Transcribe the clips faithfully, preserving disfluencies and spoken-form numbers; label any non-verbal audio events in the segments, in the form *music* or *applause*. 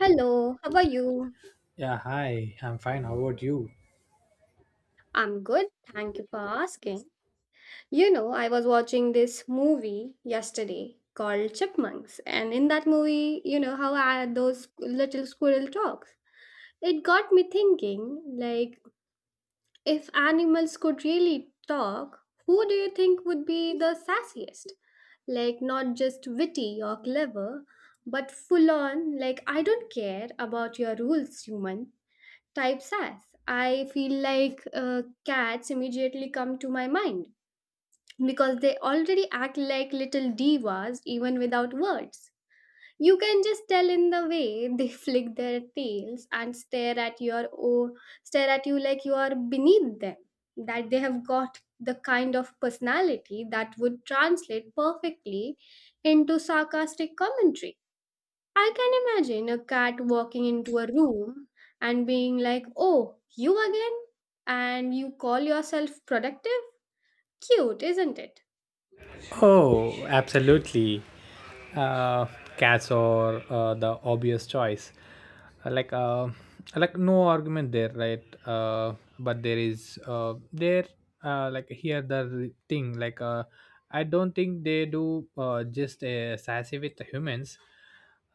Hello, how are you? Yeah, hi. I'm fine. How about you? I'm good, thank you for asking. You know, I was watching this movie yesterday called Chipmunks, and in that movie, you know, how I, had those little squirrel talks. It got me thinking, like, if animals could really talk, who do you think would be the sassiest? Like, not just witty or clever, but full on, like, I don't care about your rules, human. Types as. I feel like uh, cats immediately come to my mind because they already act like little divas even without words. You can just tell in the way they *laughs* flick their tails and stare at your oh, stare at you like you are beneath them. That they have got the kind of personality that would translate perfectly into sarcastic commentary. I can imagine a cat walking into a room and being like, oh, you again? And you call yourself productive? Cute, isn't it? Oh, absolutely. Uh, Cats are uh, the obvious choice. Uh, Like, uh, like no argument there, right? Uh, but there is uh, there uh, like here the re- thing. Like, uh, I don't think they do uh, just uh, sassy with the humans.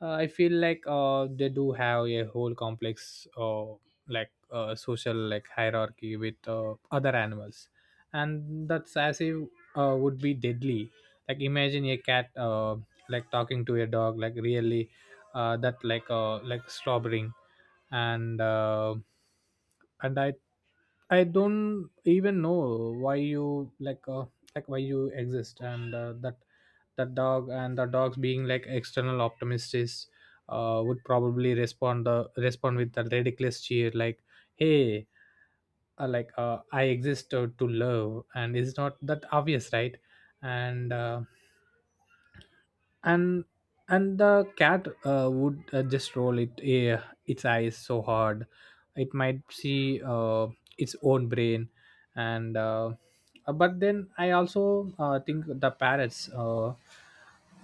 Uh, I feel like uh, they do have a whole complex uh, like uh, social like hierarchy with uh, other animals, and that sassy uh, would be deadly. Like imagine a cat uh, like talking to a dog, like really uh, that like uh, like slobbering, and uh, and i i don't even know why you, like uh, like why you exist, and uh, that that dog. And the dogs being like external optimists uh, would probably respond the respond with a ridiculous cheer, like hey, uh, like uh, I exist to, to love, and it's not that obvious, right? And uh, and and the cat uh, would uh, just roll it uh, its eyes so hard it might see uh, its own brain. And uh, uh, but then I also uh, think the parrots uh,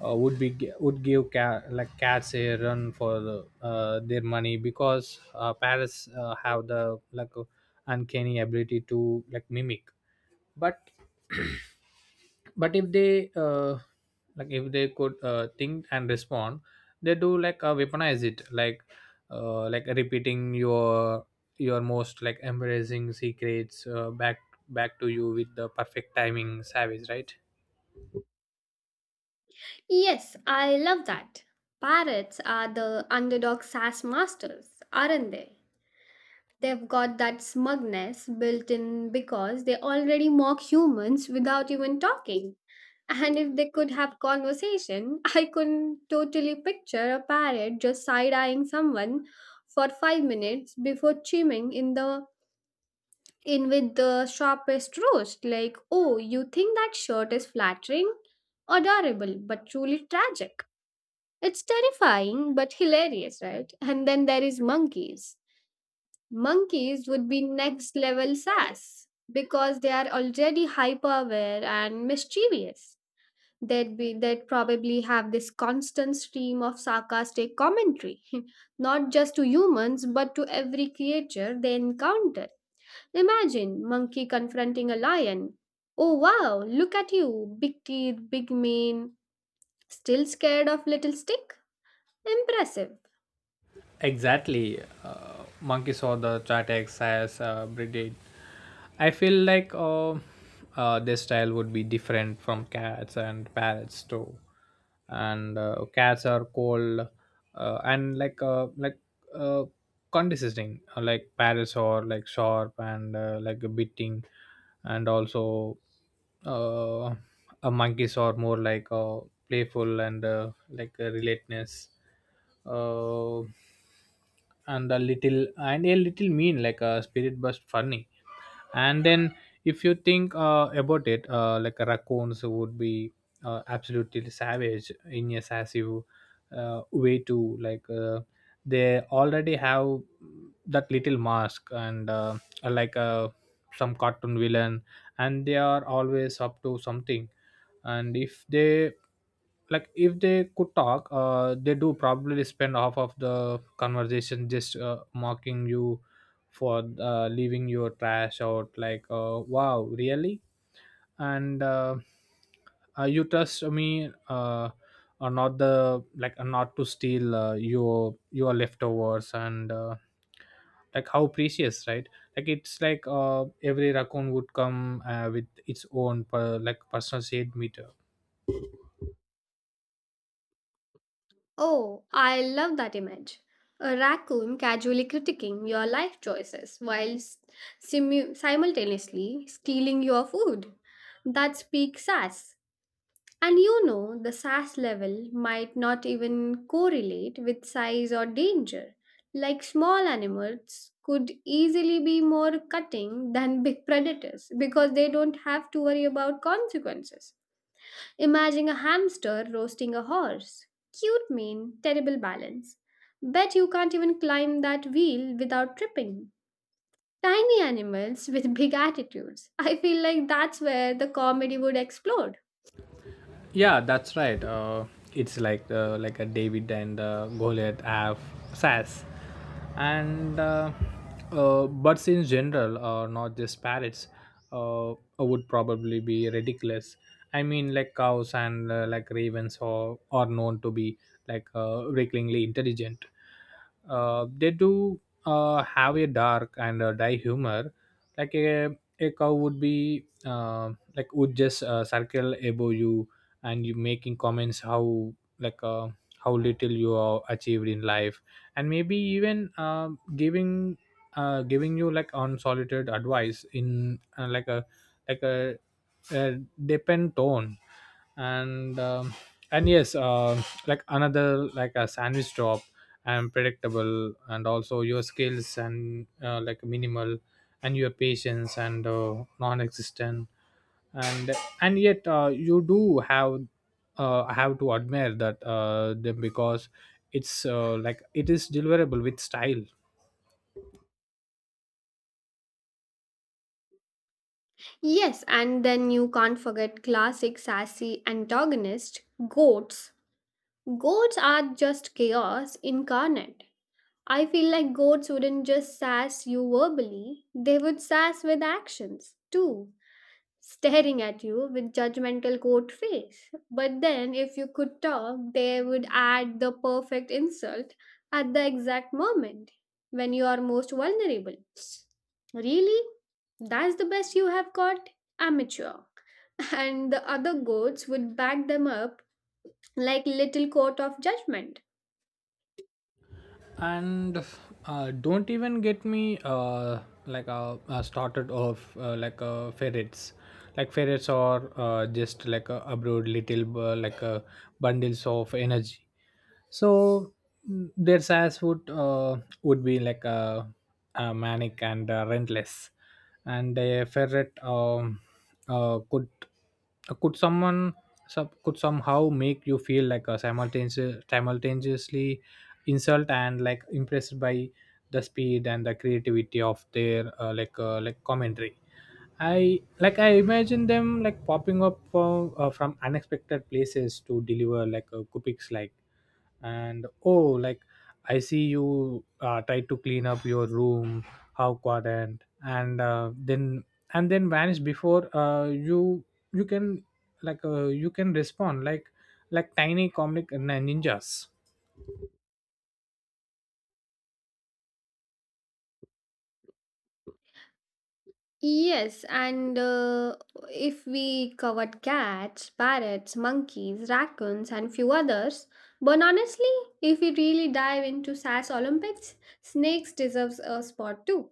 uh, would be gi- would give cat, like cats a run for the, uh, their money, because uh, parrots uh, have the like uh, uncanny ability to like mimic. but but if they uh, like if they could uh, think and respond, they do like uh, weaponize it, like uh, like repeating your your most like embarrassing secrets uh, back back to you with the perfect timing. Savage, right? Yes, I love that. Parrots are the underdog sass masters, aren't they? They've got that smugness built in because they already mock humans without even talking. And if they could have conversation, *laughs* I could totally picture a parrot just side eyeing someone for five minutes before chiming in the in with the sharpest roast, like, oh, you think that shirt is flattering? Adorable, but truly tragic. It's terrifying but hilarious, right? And then there is monkeys. Monkeys would be next level sass because they are already hyper aware and mischievous. They'd be they'd probably have this constant stream of sarcastic commentary, *laughs* not just to humans but to every creature they encountered. Imagine monkey confronting a lion. Oh wow, look at you, big teeth, big mane, still scared of little stick? Impressive. Exactly. Uh, Monkey saw the Chatex as uh, breeded. I feel like uh, uh, their style would be different from cats and parrots too. And uh, cats are cold uh, and like uh, like uh, condescending, uh, like parrots are like sharp and uh, like a biting, and also uh, uh, monkeys are more like uh, playful and uh, like uh, relateness, uh, and a little and a little mean, like a spirit but funny. And then if you think uh, about it, uh, like raccoons would be uh, absolutely savage in a sassy uh, way too, like uh, they already have that little mask, and uh, like uh, some cartoon villain, and they are always up to something. And if they, like if they could talk, uh, they do probably spend half of the conversation just uh, mocking you for uh, leaving your trash out, like uh, wow, really. And uh, uh, you trust me uh, or not, the like uh, not to steal uh, your your leftovers, and uh, like how precious, right? Like it's like uh, every raccoon would come uh, with its own per, like personal shade meter. Oh, I love that image. A raccoon casually critiquing your life choices while s- simu- simultaneously stealing your food. That's peak sass. And you know, the SAS level might not even correlate with size or danger. Like small animals could easily be more cutting than big predators because they don't have to worry about consequences. Imagine a hamster roasting a horse. Cute mean, terrible balance. Bet you can't even climb that wheel without tripping. Tiny animals with big attitudes. I feel like that's where the comedy would explode. Yeah, that's right. Uh, it's like uh, like a David and uh, Goliath have sass, and uh, uh, birds in general, uh, not just parrots, uh, would probably be ridiculous. I mean, like cows and uh, like ravens or are are known to be like uh, ridiculously intelligent. Uh, they do uh, have a dark and a dry humor. Like a, a cow would be uh, like would just uh, circle above you and you making comments how like uh, how little you are achieved in life, and maybe even uh, giving uh, giving you like unsolicited advice in uh, like a like a, a depend tone. And um, and yes uh, like another like a sandwich drop, and predictable, and also your skills and uh, like minimal, and your patience and uh, non-existent, and and yet uh, you do have uh, have to admire that uh, them, because it's uh, like it is deliverable with style. Yes, and then you can't forget classic sassy antagonist, goats. Goats are just chaos incarnate. I feel like goats wouldn't just sass you verbally, they would sass with actions too, staring at you with judgmental goat face. But then if you could talk, they would add the perfect insult at the exact moment when you are most vulnerable. Really? That's the best you have got? Amateur and the other goats would back them up like little court of judgment. And uh, don't even get me uh, like uh, uh, started off uh, like uh, ferrets, like ferrets are uh, just like a abroad little uh, like uh, bundles of energy. So mm, their size would uh, would be like a, a manic and uh, rentless, and a ferret um, uh, could uh, could someone some could somehow make you feel like a simultaneous, simultaneously insult and like impressed by the speed and the creativity of their uh, like uh, like commentary. I like I imagine them like popping up from uh, from unexpected places to deliver like a cupics, like and oh, like I see you uh, try to clean up your room, how quadrant, and uh, then and then vanish before uh, you you can, like uh, you can respond, like like tiny comic nin- ninjas. Yes, and uh, if we covered cats, parrots, monkeys, raccoons, and few others, but honestly, if we really dive into SAS Olympics, snakes deserves a spot too.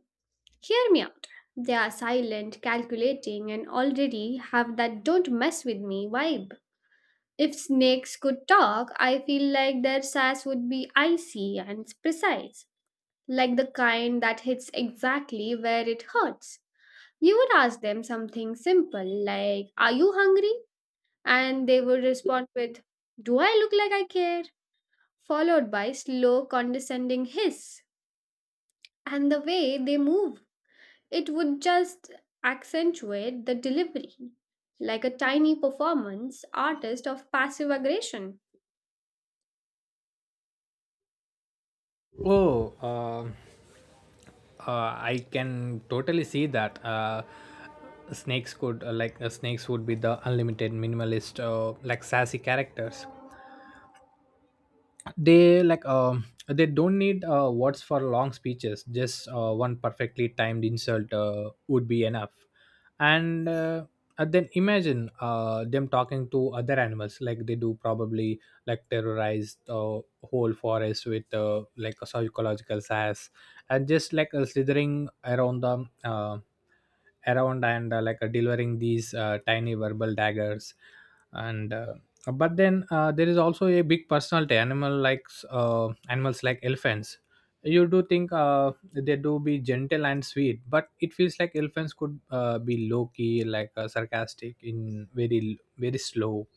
Hear me out. They are silent, calculating, and already have that don't mess with me vibe. If snakes could talk, I feel like their sass would be icy and precise, like the kind that hits exactly where it hurts. You would ask them something simple like, are you hungry? And they would respond with, do I look like I care? Followed by slow, condescending hiss. And the way they move, it would just accentuate the delivery, like a tiny performance artist of passive aggression. Oh, um uh, I can totally see that. Uh, snakes could uh, like uh, snakes would be the unlimited minimalist, uh, like sassy characters. They like um they don't need uh, words for long speeches, just uh, one perfectly timed insult uh, would be enough. And uh, and then imagine uh, them talking to other animals, like they do probably like terrorize the whole forest with uh, like a psychological sass, and just like uh, slithering around the uh, around and uh, like uh, delivering these uh, tiny verbal daggers. And uh, but then uh, there is also a big personality animal like uh, animals like elephants. You do think uh, they do be gentle and sweet, but it feels like elephants could uh, be low key like uh, sarcastic in very very slow,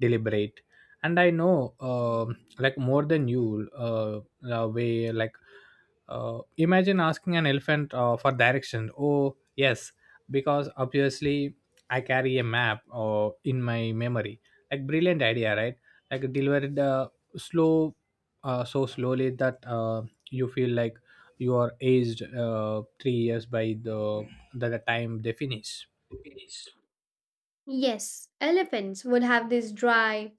deliberate, and I know um like more than you uh, the way like uh, imagine asking an elephant uh, for direction. Oh, yes, because obviously I carry a map uh, in my memory. Like brilliant idea, right? Like delivered uh, slow, uh, so slowly that uh, you feel like you are aged uh, three years by the the the time they finish. Yes, elephants would have this dry,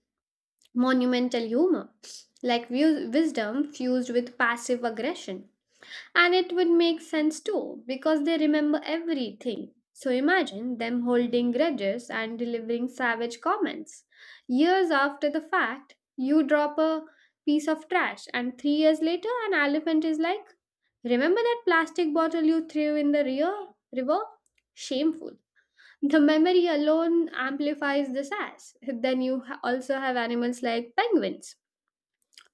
monumental humor, like wi- wisdom fused with passive aggression. And it would make sense too, because they remember everything. So imagine them holding grudges and delivering savage comments. Years after the fact, you drop a piece of trash, and three years later, an elephant is like, remember that plastic bottle you threw in the rear river? Shameful. The memory alone amplifies the sass. Then you ha- also have animals like penguins,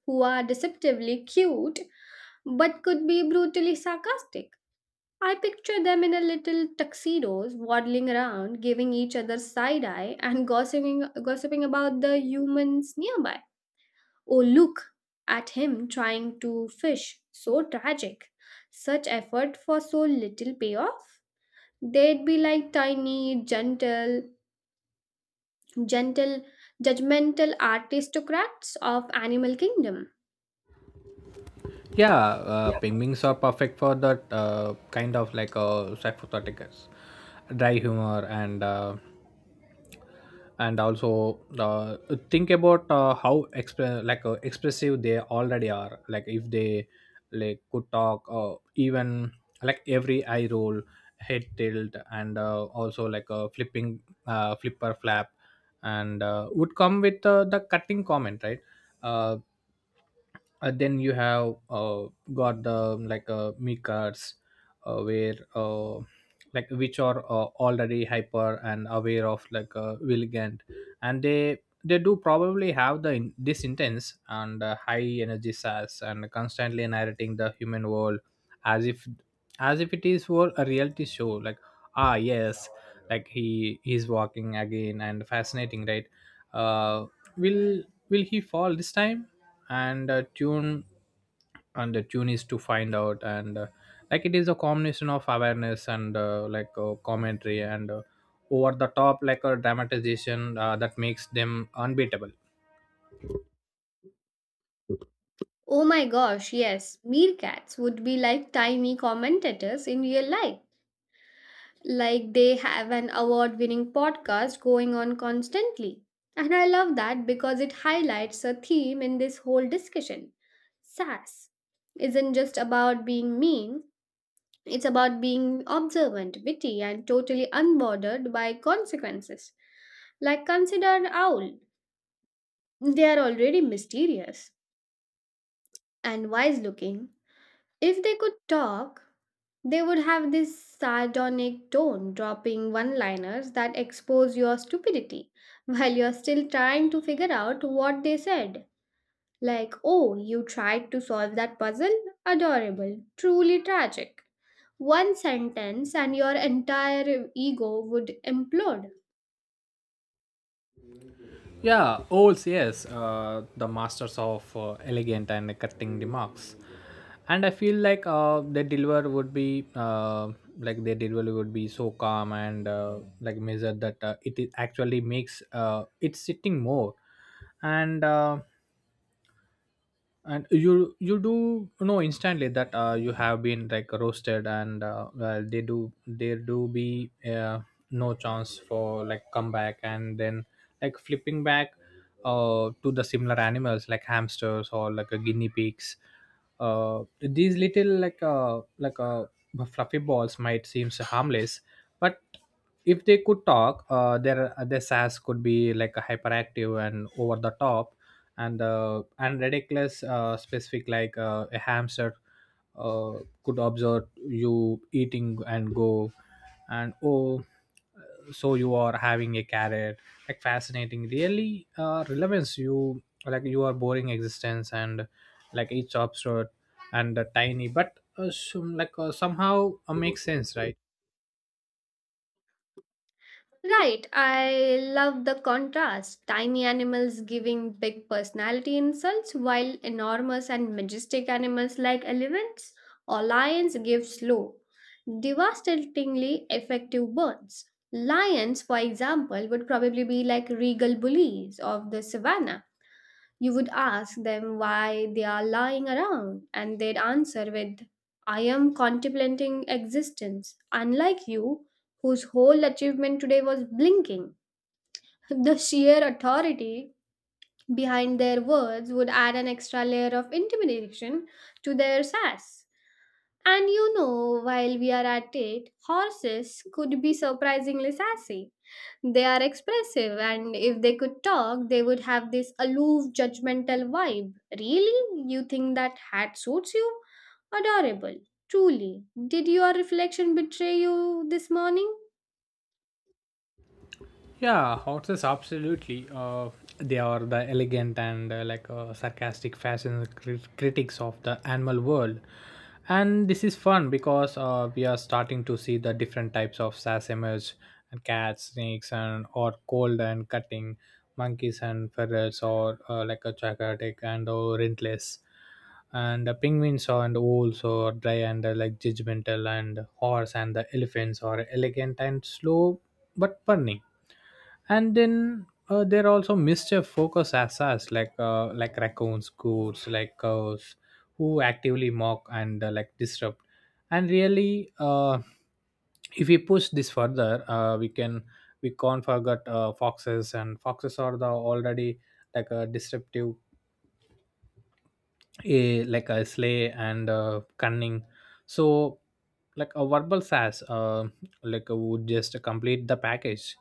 who are deceptively cute but could be brutally sarcastic. I picture them in a little tuxedos, waddling around, giving each other side eye and gossiping, gossiping about the humans nearby. Oh, look at him trying to fish. So tragic. Such effort for so little payoff. They'd be like tiny, gentle, gentle judgmental aristocrats of animal kingdom. Yeah, uh, penguins are perfect for that uh, kind of like uh, psychothetics, dry humor and. Uh, and also uh, think about uh, how exp- like uh, expressive they already are, like if they like could talk, uh, even like every eye roll, head tilt, and uh, also like a flipping uh, flipper flap, and uh, would come with uh, the cutting comment, right? uh, uh, then you have uh, got the like uh, mi cards uh, where uh, like which are uh, already hyper and aware of like uh, Willigand, and they they do probably have the in- this intense and uh, high energy sass and constantly narrating the human world as if as if it is for a reality show, like ah yes, like he he's walking again and fascinating, right. uh will will he fall this time, and uh, tune and the tune is to find out, and uh, like it is a combination of awareness and uh, like uh, commentary and uh, over the top like a dramatization uh, that makes them unbeatable. Oh my gosh, yes, meerkats would be like tiny commentators in real life, like they have an award winning podcast going on constantly. And I love that because it highlights a theme in this whole discussion. Sass isn't just about being mean, it's about being observant, witty, and totally unbothered by consequences. Like consider an owl. They are already mysterious and wise looking. If they could talk, they would have this sardonic tone, dropping one liners that expose your stupidity *laughs* while you're still trying to figure out what they said. Like, oh, you tried to solve that puzzle? Adorable. Truly tragic. One sentence and your entire ego would implode. Yeah olds yes uh, the masters of uh, elegant and cutting remarks, and I feel like uh, their deliver would be uh, like their delivery would be so calm and uh, like measured that uh, it is actually makes uh, it sitting more, and uh, and you you do know instantly that uh, you have been like roasted, and uh, well, they do there do be uh, no chance for like comeback, and then like flipping back uh, to the similar animals, like hamsters or like a guinea pigs, uh, these little like uh, like uh, fluffy balls might seem harmless. But if they could talk uh, their their sass could be like hyperactive and over the top and uh, and ridiculous, uh, specific, like uh, a hamster uh, could observe you eating and go, and oh, so you are having a carrot, like fascinating, really uh, relevance, you like you are boring existence, and like each absurd and uh, tiny, but uh, some, like uh, somehow uh, makes sense, right? Right, I love the contrast. Tiny animals giving big personality insults, while enormous and majestic animals like elephants or lions give slow, devastatingly effective burns. Lions, for example, would probably be like regal bullies of the savannah. You would ask them why they are lying around, and they'd answer with, I am contemplating existence, unlike you, whose whole achievement today was blinking. *laughs* The sheer authority behind their words would add an extra layer of intimidation to their sass. And you know, while we are at it, horses could be surprisingly sassy. They are expressive, and if they could talk, they would have this aloof, judgmental vibe. Really? You think that hat suits you? Adorable. Truly. Did your reflection betray you this morning? Yeah, horses absolutely. Uh, they are the elegant and uh, like uh, sarcastic fashion crit- critics of the animal world, and this is fun because uh, we are starting to see the different types of sass emerge, and cats, snakes, and or cold and cutting, monkeys and ferrets, or uh, like a chaotic and or rentless, and the penguins are and wolves are dry and uh, like judgmental, and horse and the elephants are elegant and slow but burning. And then uh, there are also mischief focus assassins like uh, like raccoons, goats, like cows, who actively mock and uh, like disrupt, and really uh, if we push this further uh, we can we can't forget uh, foxes, and foxes are the already like a disruptive, a like a slay and uh, cunning. So like a verbal sass uh, like uh, would just complete the package,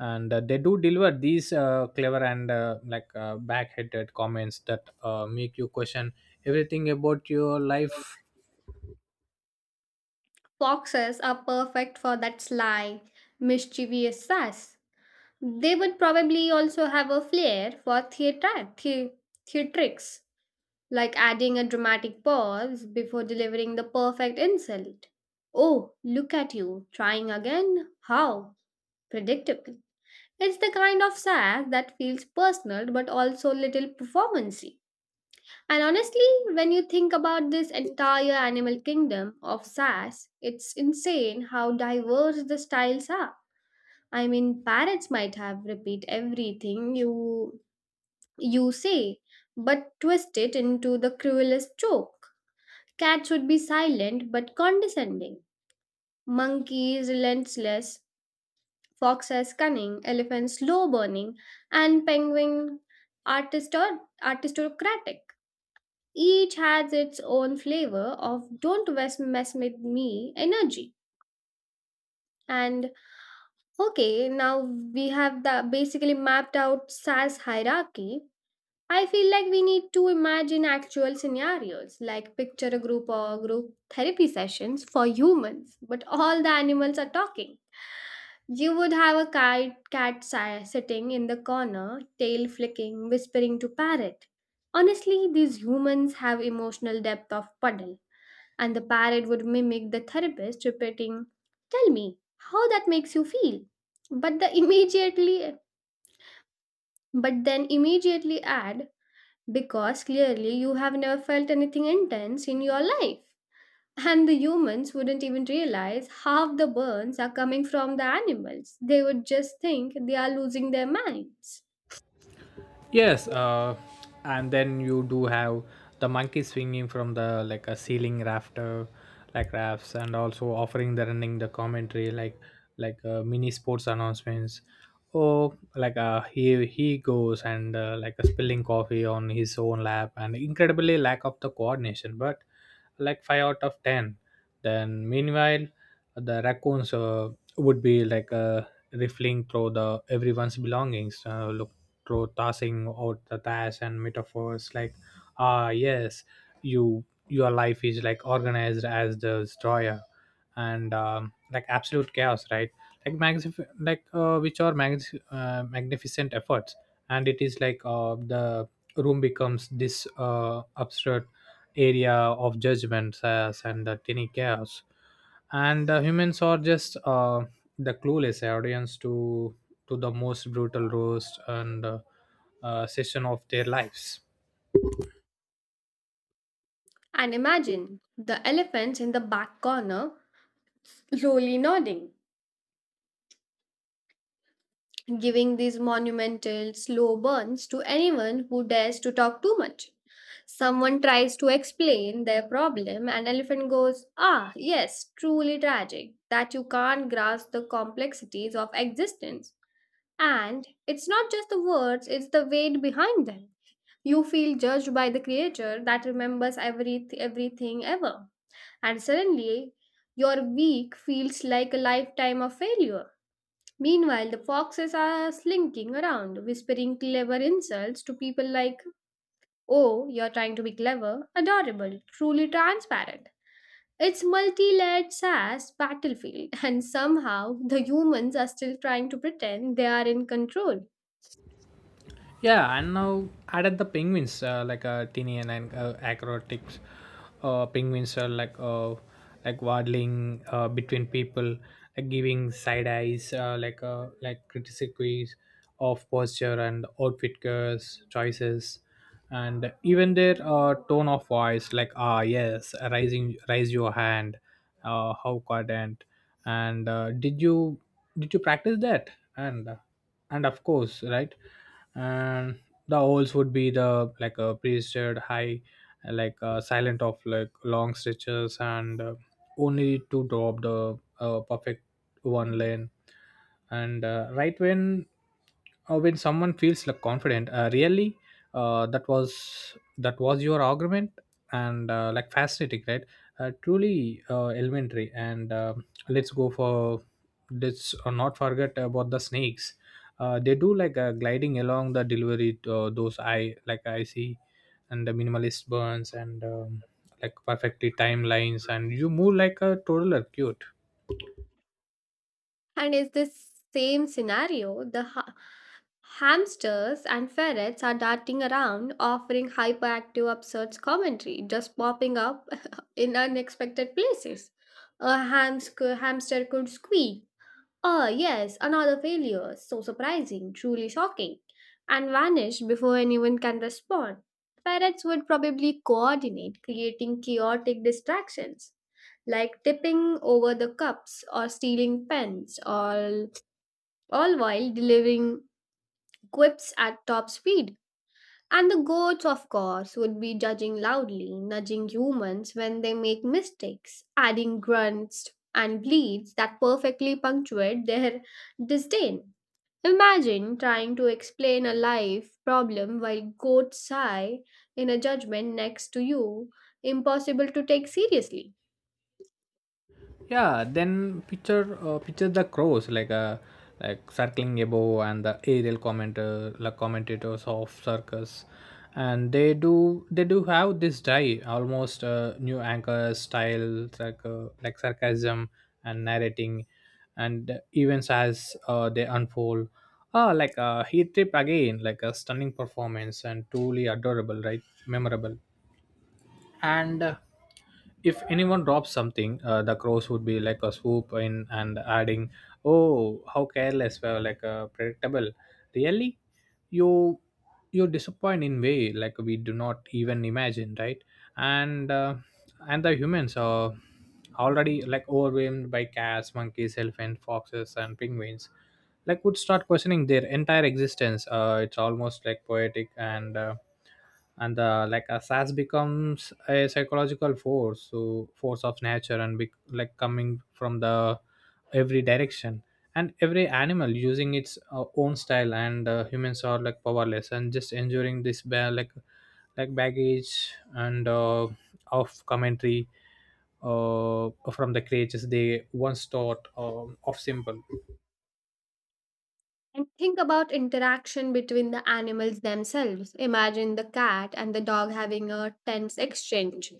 and uh, they do deliver these uh, clever and uh, like uh, back-headed comments that uh, make you question everything about your life. Foxes are perfect for that sly, mischievous sass. They would probably also have a flair for theatre, the- theatrics, like adding a dramatic pause before delivering the perfect insult. Oh, look at you, trying again? How? Predictable. It's the kind of sass that feels personal but also little performancy. And honestly, when you think about this entire animal kingdom of sass, it's insane how diverse the styles are. I mean, parrots might have repeat everything you you say, but twist it into the cruelest joke. Cats would be silent but condescending, monkeys relentless, foxes cunning, elephants slow burning, and penguin artistor- artistocratic. Each has its own flavor of don't mess, mess with me energy. And okay, now we have the basically mapped out SAS hierarchy. I feel like we need to imagine actual scenarios, like picture a group or group therapy sessions for humans, but all the animals are talking. You would have a kite, cat si- sitting in the corner, tail flicking, whispering to parrot. Honestly, these humans have emotional depth of puddle, and the parrot would mimic the therapist, repeating, "Tell me how that makes you feel." But the immediately, but then immediately add, because clearly you have never felt anything intense in your life. And the humans wouldn't even realize half the burns are coming from the animals. They would just think they are losing their minds. Yes, uh, and then you do have the monkey swinging from the like a ceiling rafter, like rafts, and also offering the running the commentary like like uh, mini sports announcements. Oh, like uh, he he goes and uh, like a spilling coffee on his own lap, and incredibly lack of the coordination. But like five out of ten. Then meanwhile, the raccoons uh, would be like uh, riffling through the everyone's belongings, uh, looking through tossing out the dash and metaphors like, "Ah yes, you your life is like organized as the destroyer and um, like absolute chaos, right? Like magnif- like uh, which are magnific- uh, magnificent efforts." And it is like uh, the room becomes this uh, absurd area of judgments as and the tiny chaos, and the humans are just uh, the clueless audience to to the most brutal roast and uh, uh, session of their lives. And imagine the elephants in the back corner slowly nodding, giving these monumental, slow burns to anyone who dares to talk too much. Someone tries to explain their problem, and elephant goes, ah, yes, truly tragic that you can't grasp the complexities of existence. And it's not just the words, it's the weight behind them. You feel judged by the creature that remembers every, everything ever. And suddenly, your week feels like a lifetime of failure. Meanwhile, the foxes are slinking around, whispering clever insults to people like, oh, you're trying to be clever, adorable, truly transparent. It's multi layered sass battlefield, *laughs* and somehow the humans are still trying to pretend they are in control. Yeah, and now added the penguins, uh, like uh, tiny and uh, acrobatics. Uh, penguins are like uh, like waddling uh, between people, like giving side eyes, uh, like uh, like critiques of posture and outfit curves, choices, and even their uh, tone of voice, like, "Ah yes, rising, raise your hand, uh, how quadrant, and uh, did you did you practice that?" And. Uh, and of course, right? And the holes would be the like a priesthood high, like uh, silent of like long stretches, and uh, only to drop the uh, perfect one lane, and uh, right when uh, when someone feels like confident, uh, really, uh, "That was that was your argument," and uh, "Like fascinating, right? Uh, truly uh, elementary." And um let's go for let's uh, not forget about the snakes. Uh, they do like uh, gliding along the delivery. Uh, those, I like I see, and the minimalist burns, and um, like perfectly timelines, and "You move like a toddler, cute." And is this same scenario? The ha- hamsters and ferrets are darting around, offering hyperactive, absurd commentary, just popping up *laughs* in unexpected places. A hamster, hamster could squeak, ah, yes, another failure. So surprising, truly shocking. And vanished before anyone can respond. Parrots would probably coordinate, creating chaotic distractions, like tipping over the cups or stealing pens, all, all while delivering quips at top speed. And the goats, of course, would be judging loudly, nudging humans when they make mistakes, adding grunts and bleats that perfectly punctuate their disdain. Imagine trying to explain a life problem while goats sigh in a judgment next to you, impossible to take seriously. Yeah, then picture uh, picture the crows like uh, like circling above and the aerial commenter like commentators of circus, and they do they do have this dye almost uh, new anchor style like uh, like sarcasm and narrating, and events as uh, they unfold. Ah, like uh, heat trip again, like a stunning performance and truly adorable, right? Memorable. And. Uh, if anyone drops something, uh, the crows would be like a swoop in and adding, "Oh how careless, well like uh, predictable, really, you you disappoint in way like we do not even imagine, right?" And uh, and the humans are already like overwhelmed by cats, monkeys, elephants, foxes and penguins, like would start questioning their entire existence. Uh, it's almost like poetic, and uh, and uh, like a sass becomes a psychological force, so force of nature, and be- like coming from the every direction, and every animal using its uh, own style, and uh, humans are like powerless and just enduring this ba- like like baggage and uh, of commentary uh, from the creatures they once thought um, of simple. And think about interaction between the animals themselves. Imagine the cat and the dog having a tense exchange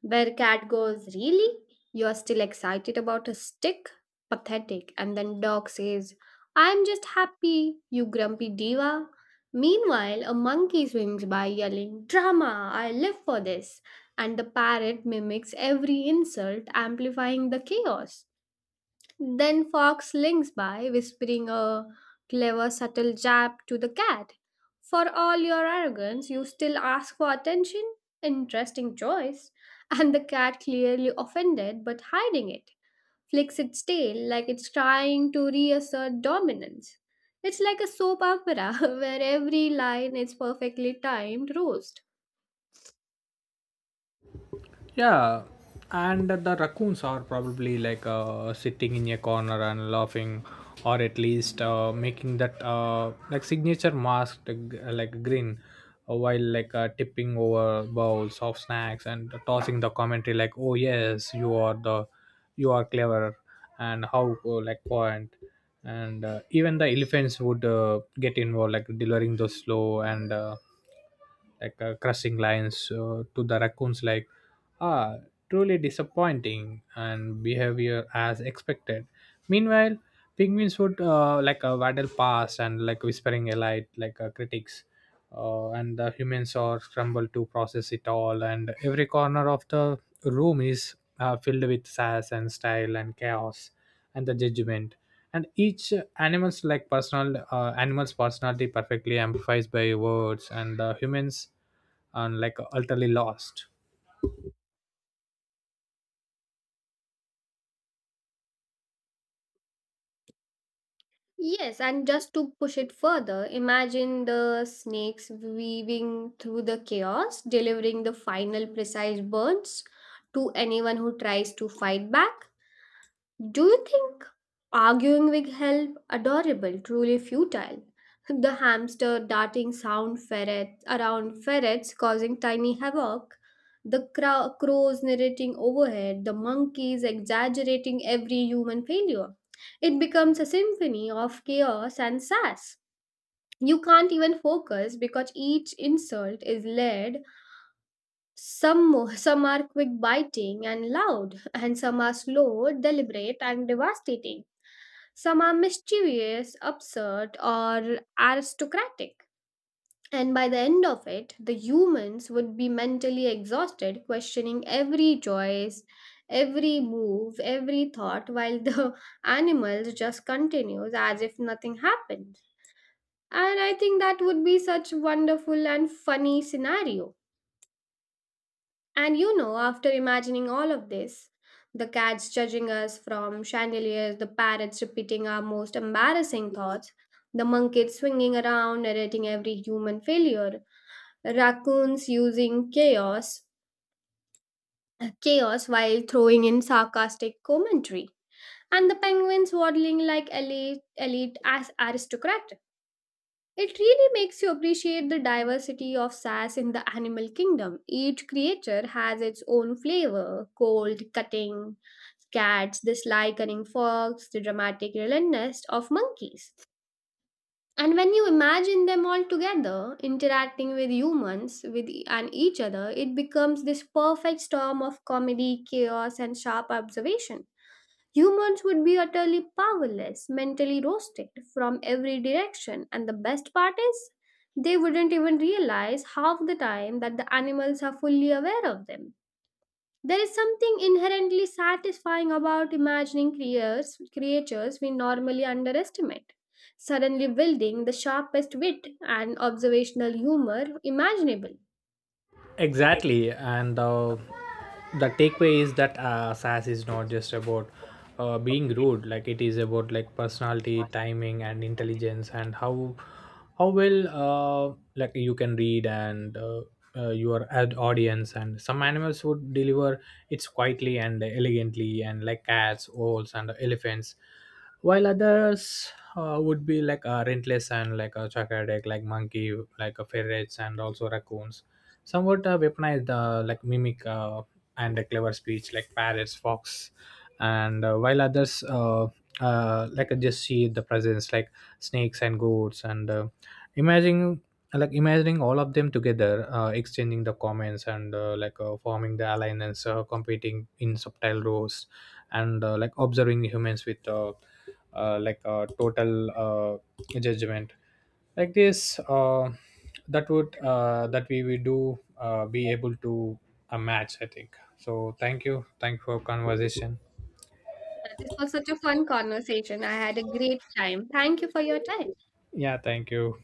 where cat goes, "Really? You're still excited about a stick? Pathetic." And then dog says, "I'm just happy, you grumpy diva." Meanwhile, a monkey swims by yelling, "Drama, I live for this." And the parrot mimics every insult, amplifying the chaos. Then Fox links by, whispering a clever, subtle jab to the cat. For all your arrogance, you still ask for attention? Interesting choice. *laughs* And the cat, clearly offended but hiding it, flicks its tail like it's trying to reassert dominance. It's like a soap opera *laughs* where every line is perfectly timed roast. Yeah, and the raccoons are probably like uh, sitting in a corner and laughing, or at least uh, making that uh, like signature masked g- like grin, uh, while like uh, tipping over bowls of snacks and tossing the commentary like, "Oh yes, you are the, you are clever," and how uh, like point. And uh, even the elephants would uh, get involved, like delivering those slow and uh, like uh, crushing lines uh, to the raccoons like, "Ah, truly disappointing and behavior as expected." Meanwhile, penguins would uh, like uh, waddle past and like whispering alight like uh, critics, uh, and the humans are scramble to process it all. And every corner of the room is uh, filled with sass and style and chaos and the judgment. And each animal's like personal uh, animal's personality perfectly amplified by words, and the humans are like utterly lost. Yes, and just to push it further, imagine the snakes weaving through the chaos, delivering the final precise burns to anyone who tries to fight back. Do you think arguing with help adorable, truly futile? *laughs* The hamster darting sound ferrets around ferrets causing tiny havoc, the crow- crows narrating overhead, the monkeys exaggerating every human failure. It becomes a symphony of chaos and sass. You can't even focus because each insult is layered. Some mo- some are quick biting and loud, and some are slow, deliberate, and devastating. Some are mischievous, absurd, or aristocratic. And by the end of it, the humans would be mentally exhausted, questioning every choice, every move, every thought, while the *laughs* animals just continues as if nothing happened. And I think that would be such wonderful and funny scenario. And you know, after imagining all of this, the cats judging us from chandeliers, the parrots repeating our most embarrassing thoughts, the monkeys swinging around, narrating every human failure, raccoons using chaos, chaos while throwing in sarcastic commentary, and the penguins waddling like elite, elite as aristocrat. It really makes you appreciate the diversity of sass in the animal kingdom. Each creature has its own flavor cold, cutting, cats, the sly, cunning fox, the dramatic relentlessness of monkeys. And when you imagine them all together, interacting with humans with e- and each other, it becomes this perfect storm of comedy, chaos, and sharp observation. Humans would be utterly powerless, mentally roasted from every direction, and the best part is, they wouldn't even realize half the time that the animals are fully aware of them. There is something inherently satisfying about imagining creatures, creatures we normally underestimate. Suddenly wielding the sharpest wit and observational humor imaginable. Exactly. And uh, the takeaway is that uh, sass is not just about uh, being rude, like it is about like personality, timing, and intelligence, and how how well, uh, like you can read and uh, uh, your ad audience. And some animals would deliver it's quietly and elegantly, and like cats, owls, and elephants, while others uh, would be like uh, rentless, and like a chocolate, like monkey, like a ferrets, and also raccoons, somewhat uh, weaponized uh, like mimic uh, and a clever speech like parrots, fox. And uh, while others uh, uh, like uh, just see the presence like snakes and goats. And uh, Imagining, like imagining all of them together uh, exchanging the comments, and uh, like uh, forming the alliance, uh, competing in subtle roles, and uh, like observing humans with uh, uh, like uh, total uh, judgment. Like this, uh, that would uh, that we will do uh, be able to a match, I think so. thank you thank you for conversation. Yeah, this was such a fun conversation. I had a great time. Thank you for your time. Yeah, thank you.